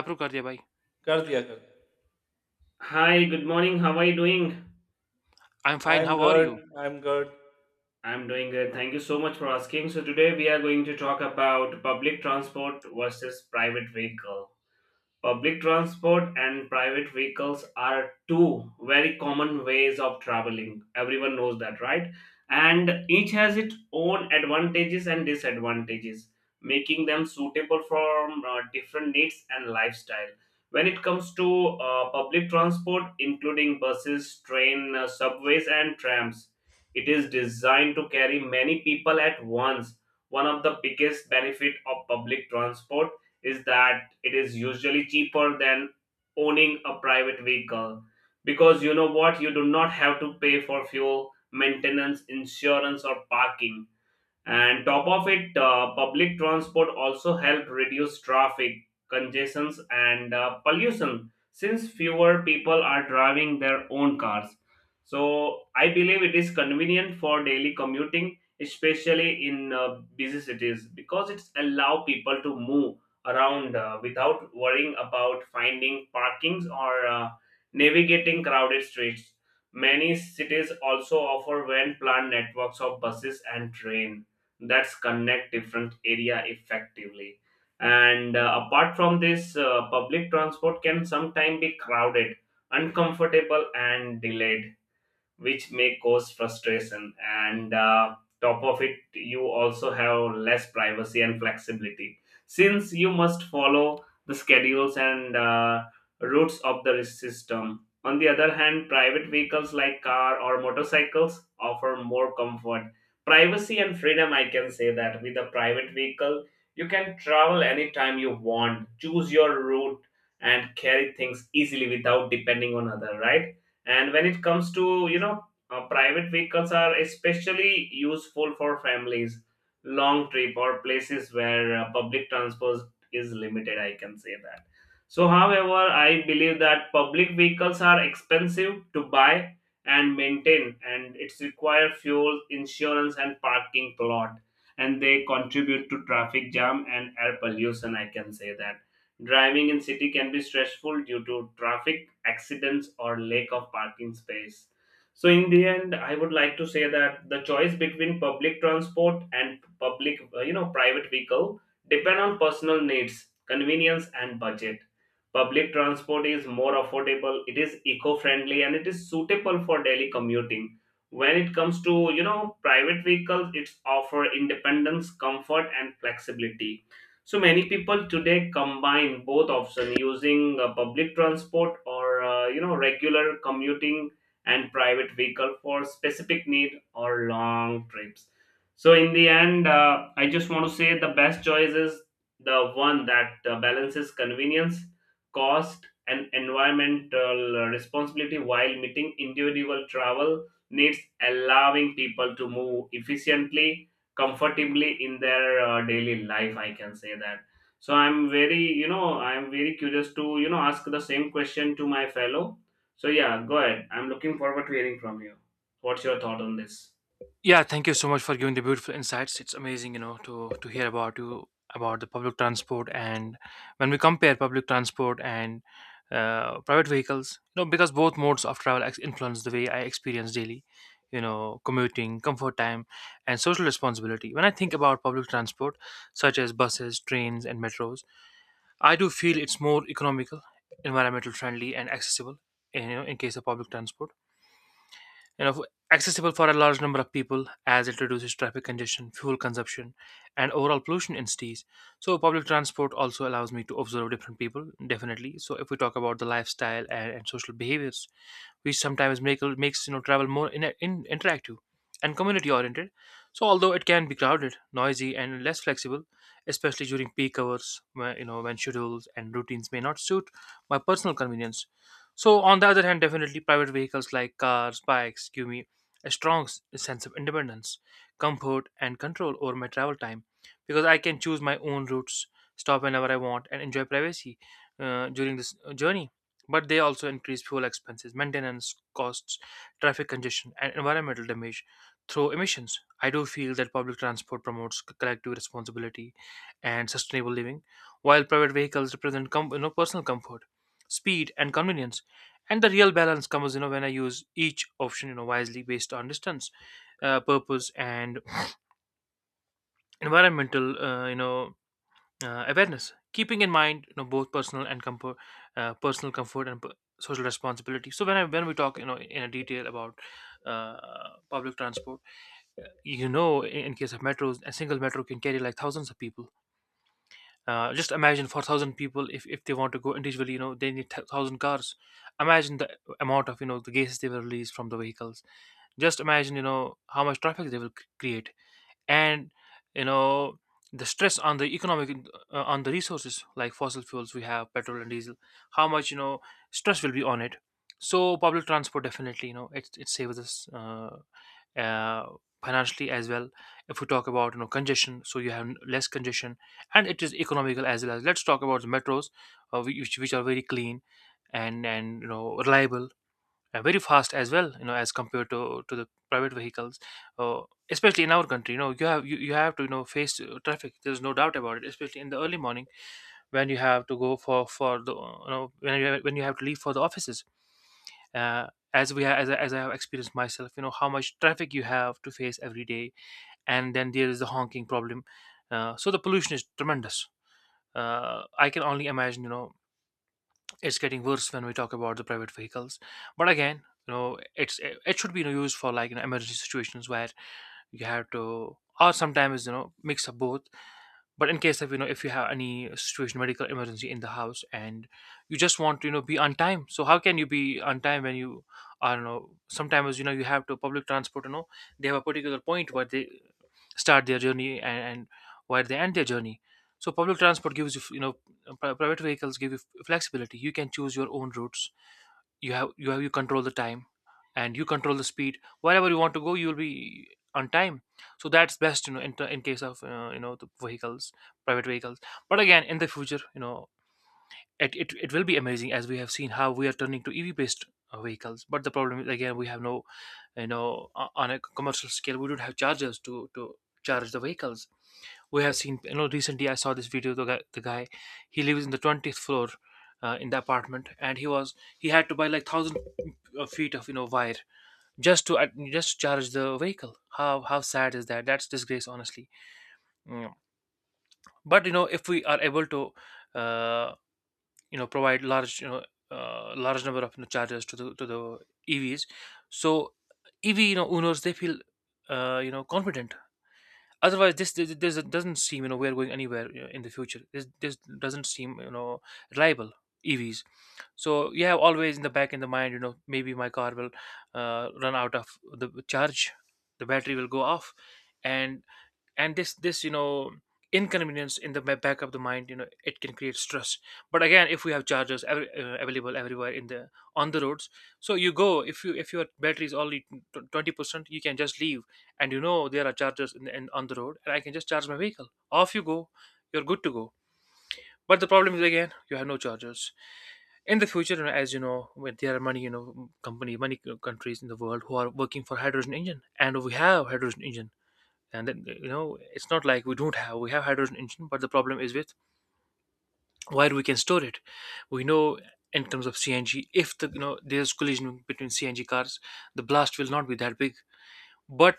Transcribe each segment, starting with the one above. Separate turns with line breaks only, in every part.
Apro kar diya bhai.
कर दिया, कर दिया।
Hi, good morning. How are you doing?
I'm fine.
I am
How are
good,
you?
I am good.
I'm doing good. Thank you so much for asking. So, today we are going to talk about public transport versus private vehicle. Public transport and private vehicles are two very common ways of traveling. Everyone knows that, right? And each has its own advantages and disadvantages, making them suitable for different needs and lifestyle. When it comes to public transport, including buses, train, subways, and trams, it is designed to carry many people at once. One of the biggest benefit of public transport is that it is usually cheaper than owning a private vehicle because you know what you do not have to pay for fuel maintenance insurance or parking, and top of it public transport also help reduce traffic congestions and pollution since fewer people are driving their own cars. So I believe it is convenient for daily commuting, especially in busy cities, because it's allow people to move around without worrying about finding parkings or navigating crowded streets. Many cities also offer well planned networks of buses and train that's connect different area effectively. And apart from this public transport can sometimes be crowded, uncomfortable and delayed, which may cause frustration. And top of it you also have less privacy and flexibility since you must follow the schedules and routes of the system. On the other hand, private vehicles like car or motorcycles offer more comfort, privacy and freedom. I can say that with a private vehicle you can travel anytime you want, choose your route, and carry things easily without depending on other, right? And when it comes to, you know, private vehicles are especially useful for families, long trip or places where public transport is limited, I can say that. So however, I believe that public vehicles are expensive to buy and maintain, and it's require fuel insurance and parking lot, and they contribute to traffic jam and air pollution, I can say that. Driving in city can be stressful due to traffic, accidents or lack of parking space. So in the end, I would like to say that the choice between public transport and public, private vehicle depend on personal needs, convenience and budget. Public transport is more affordable, it is eco-friendly and it is suitable for daily commuting. When it comes to, private vehicles, it's offer independence, comfort and flexibility. So many people today combine both options, using public transport or regular commuting, and private vehicle for specific need or long trips. So in the end, I just want to say the best choice is the one that balances convenience, cost, and environmental responsibility while meeting individual travel needs, allowing people to move efficiently comfortably in their daily life, I can say that. So I'm very curious to ask the same question to my fellow. So yeah, go ahead, I'm looking forward to hearing from you. What's your thought on this?
Yeah, thank you so much for giving the beautiful insights. It's amazing, you know, to hear about you about the public transport and when we compare public transport and private vehicles, you know, because both modes of travel influence the way I experience daily, you know, commuting, comfort time, and social responsibility. When I think about public transport, such as buses, trains, and metros, I do feel it's more economical, environmental friendly, and accessible. In, you know, in case of public transport, you know, accessible for a large number of people as it reduces traffic congestion, fuel consumption, and overall pollution in cities. So public transport also allows me to observe different people, definitely. So if we talk about the lifestyle and, social behaviors which sometimes makes you know travel more in interactive and community oriented. So although it can be crowded, noisy, and less flexible, especially during peak hours where you know, when schedules and routines may not suit my personal convenience. So, on the other hand, definitely private vehicles like cars, bikes give me a strong sense of independence, comfort, and control over my travel time, because I can choose my own routes, stop whenever I want, and enjoy privacy during this journey. But they also increase fuel expenses, maintenance costs, traffic congestion, and environmental damage through emissions. I do feel that public transport promotes collective responsibility and sustainable living, while private vehicles represent you know, personal comfort, speed, and convenience. And the real balance comes, you know, when I use each option, you know, wisely based on distance, purpose, and environmental you know, awareness, keeping in mind, you know, both personal and comfort, personal comfort and social responsibility. So when when we talk, you know, in a detail about uh, public transport, you know, in case of metros, a single metro can carry like thousands of people. Just imagine for thousand people, if they want to go individually, you know they need thousand cars. Imagine the amount of, you know, the gases they will release from the vehicles. Just imagine, you know, how much traffic they will create, and, you know, the stress on the economic, on the resources like fossil fuels. We have petrol and diesel. How much, you know, stress will be on it. So public transport, definitely, you know, it saves us uh, financially as well. If we talk about, you know, congestion, so you have less congestion, and it is economical as well. As let's talk about the metros, which are very clean and you know reliable, very fast as well, you know, as compared to the private vehicles. uh, Especially in our country, you know, you have you have to, you know, face traffic. There's no doubt about it, especially in the early morning when you have to go for the you know, when when you have to leave for the offices, uh, as we as as I have experienced myself, you know, how much traffic you have to face every day. And then there is the honking problem. So the pollution is tremendous. I can only imagine, you know, it's getting worse when we talk about the private vehicles. But again, you know, it's it should be, you know, used for like, you know, emergency situations where you have to, or sometimes, you know, mix up both. But in case of, you know, if you have any situation, medical emergency in the house, and you just want to, you know, be on time. So how can you be on time when you, I don't know, sometimes, you know, you have to public transport, you know, they have a particular point where they start their journey, and, where they end their journey. So public transport gives you, you know, private vehicles give you flexibility. You can choose your own routes. You have you control the time, and you control the speed. Wherever you want to go, you will be on time. So that's best, you know, in case of you know, the vehicles, private vehicles. But again, in the future, you know, it it will be amazing, as we have seen how we are turning to EV based vehicles. But the problem is, again, we have no, you know, on a commercial scale, we don't have chargers to charge the vehicles. We have seen, you know, recently I saw this video. The guy, he lives in the 20th floor, in the apartment, and he was he had to buy like thousand feet of, you know, wire just to just to charge the vehicle. How sad is that? That's disgrace honestly. Mm. But you know, if we are able to, uh, you know, provide large, you know, large number of, you know, chargers to the EVs, so EV, you know, owners they feel you know, confident. Otherwise, this this doesn't seem, you know, we're going anywhere, you know, in the future. This doesn't seem, you know, reliable EVs. So you have always in the back, in the mind, you know, maybe my car will run out of the charge, the battery will go off, and this, this, you know, inconvenience in the back of the mind, you know, it can create stress. But again, if we have chargers available everywhere in the on the roads. So you go, if you if your battery is only 20%, you can just leave. And you know, there are chargers in on the road, and I can just charge my vehicle. Off you go, you're good to go. But the problem is, again, you have no chargers in the future. You know, as you know, when there are many, you know, company, many countries in the world who are working for hydrogen engine, and we have hydrogen engine. And then you know, it's not like we don't have, we have hydrogen engine, but the problem is with where we can store it. We know, in terms of CNG, if the, you know, there's collision between CNG cars, the blast will not be that big. But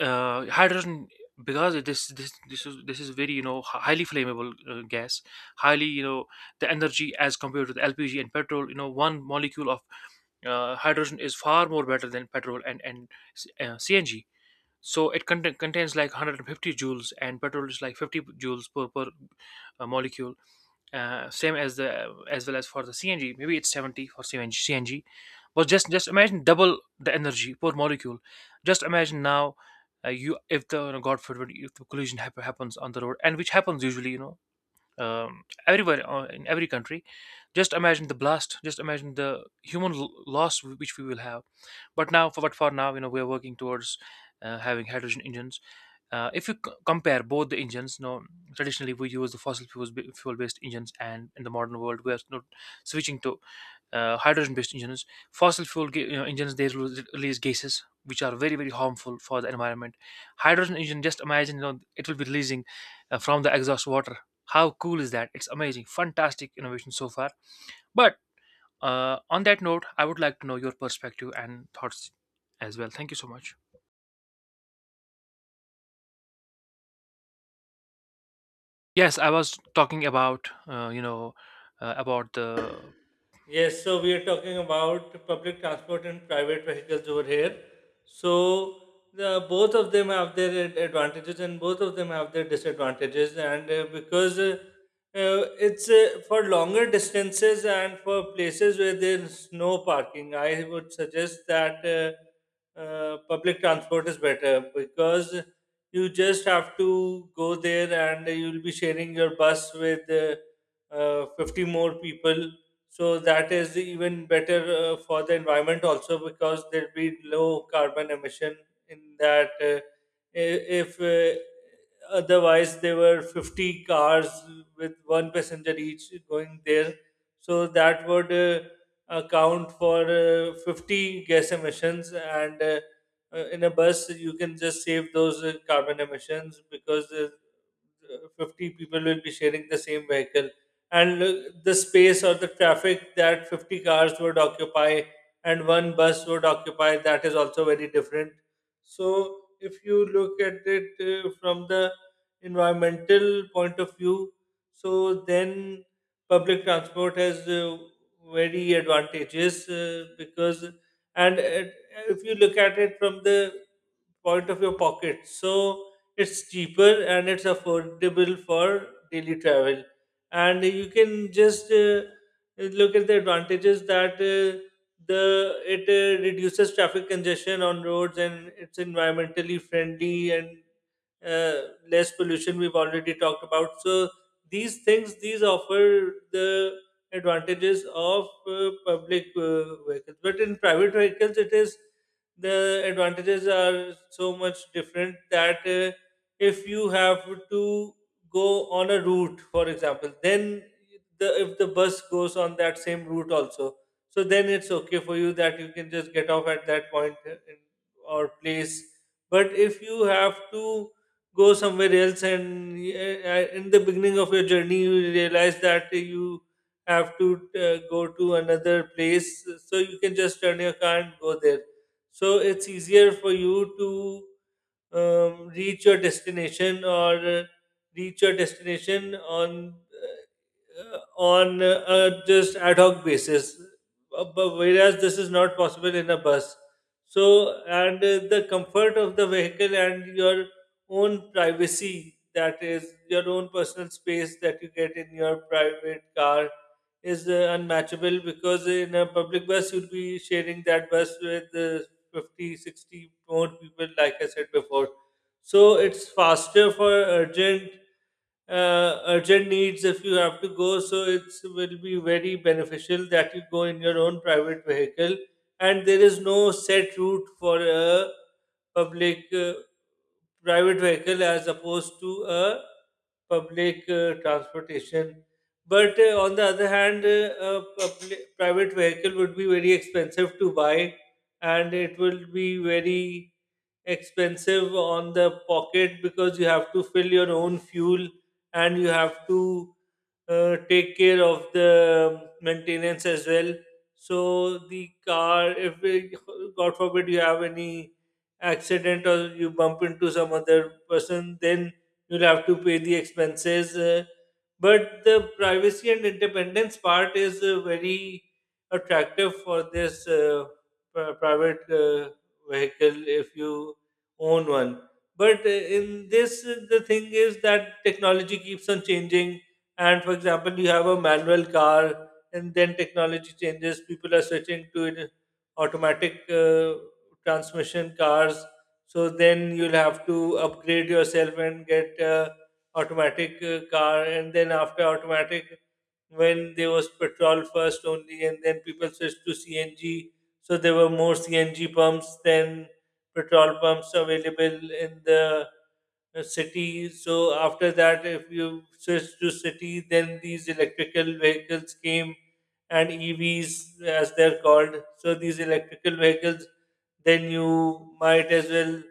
hydrogen, because this is very you know highly flammable gas, highly you know, the energy as compared to the LPG and petrol. You know, one molecule of hydrogen is far more better than petrol and CNG. So it contains like 150 joules, and petrol is like 50 joules per molecule. Same as the, as well as for the CNG. Maybe it's 70 for CNG. CNG, but just imagine double the energy per molecule. Just imagine now, you if the, you know, God forbid if the collision happens on the road, and which happens usually, you know, everywhere in every country. Just imagine the blast. Just imagine the human loss which we will have. But now, for but for now, you know, we are working towards having hydrogen engines. If you compare both the engines, you know, traditionally we use the fossil fuels fuel based engines, and in the modern world we are, you know, switching to hydrogen based engines. Fossil fuel you know, engines, they release gases which are very very harmful for the environment. Hydrogen engine, just imagine, you know, it will be releasing from the exhaust water. How cool is that? It's amazing, fantastic innovation so far. But on that note, I would like to know your perspective and thoughts as well. Thank you so much. Yes, I was talking about you know, about the
Yes, so we are talking about public transport and private vehicles over here. So the, both of them have their advantages and both of them have their disadvantages. And because it's For longer distances and for places where there's no parking, I would suggest that public transport is better because you just have to go there and you'll be sharing your bus with. 50 more people, so that is even better for the environment also, because there'll be low carbon emission in that. I- if Otherwise, there were 50 cars with one passenger each going there, so that would account for 50 gas emissions. And uh, uh, in a bus you can just save those carbon emissions, because 50 people will be sharing the same vehicle. And uh, the space or the traffic that 50 cars would occupy and one bus would occupy, that is also very different. So if you look at it from the environmental point of view, so then public transport has very advantages, because and if you look at it from the point of your pocket, so it's cheaper and it's affordable for daily travel. And you can just look at the advantages that, the it reduces traffic congestion on roads, and it's environmentally friendly, and uh, less pollution we've already talked about. So these things, these offer the advantages of public vehicles. But in private vehicles, it is, the advantages are so much different, that if you have to go on a route, for example, then the, if the bus goes on that same route also, so then it's okay for you that you can just get off at that point, or place. But if you have to go somewhere else, and yeah, in the beginning of your journey you realize that you have to go to another place, so you can just turn your car and go there. So it's easier for you to reach your destination, or reach your destination on just ad hoc basis, but whereas this is not possible in a bus. So, and the comfort of the vehicle and your own privacy, that is, your own personal space that you get in your private car, is unmatchable, because in a public bus, you'll be sharing that bus with 50, 60 more people, like I said before. So it's faster for urgent urgent needs. If you have to go, so it will be very beneficial that you go in your own private vehicle. And there is no set route for a public private vehicle, as opposed to a public transportation. But on the other hand, a private vehicle would be very expensive to buy, and it will be very expensive on the pocket, because you have to fill your own fuel, and you have to take care of the maintenance as well. So the car, if it, God forbid, you have any accident or you bump into some other person, then you'll have to pay the expenses. But the privacy and independence part is very attractive for this, private vehicle, if you own one. But in this, the thing is that technology keeps on changing. And for example, you have a manual car, and then technology changes. People are switching to automatic transmission cars. So then you'll have to upgrade yourself and get automatic car, and then after automatic, when there was petrol first only, and then people switched to CNG. So there were more CNG pumps than petrol pumps available in the city. So after that, if you switch to city, then these electrical vehicles came, and EVs, as they're called. So these electrical vehicles, then you might as well,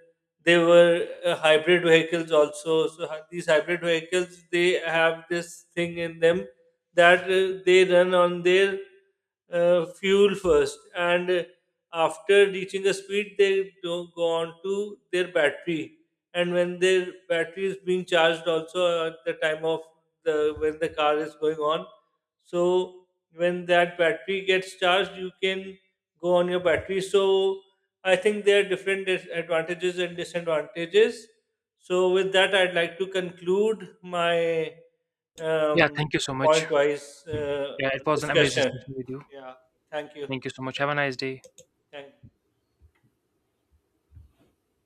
they were hybrid vehicles also. So these hybrid vehicles, they have this thing in them that they run on their fuel first, and after reaching a speed they do go on to their battery, and when their battery is being charged also at the time of the, when the car is going on, so when that battery gets charged you can go on your battery. So I think there are different advantages and disadvantages. So, with that, I'd like to conclude my
yeah.
um,
Thank you so much.
point wise
Yeah, it was an amazing
discussion.
session with you.
Yeah, thank you.
Thank you so much. Have a nice day.
Thank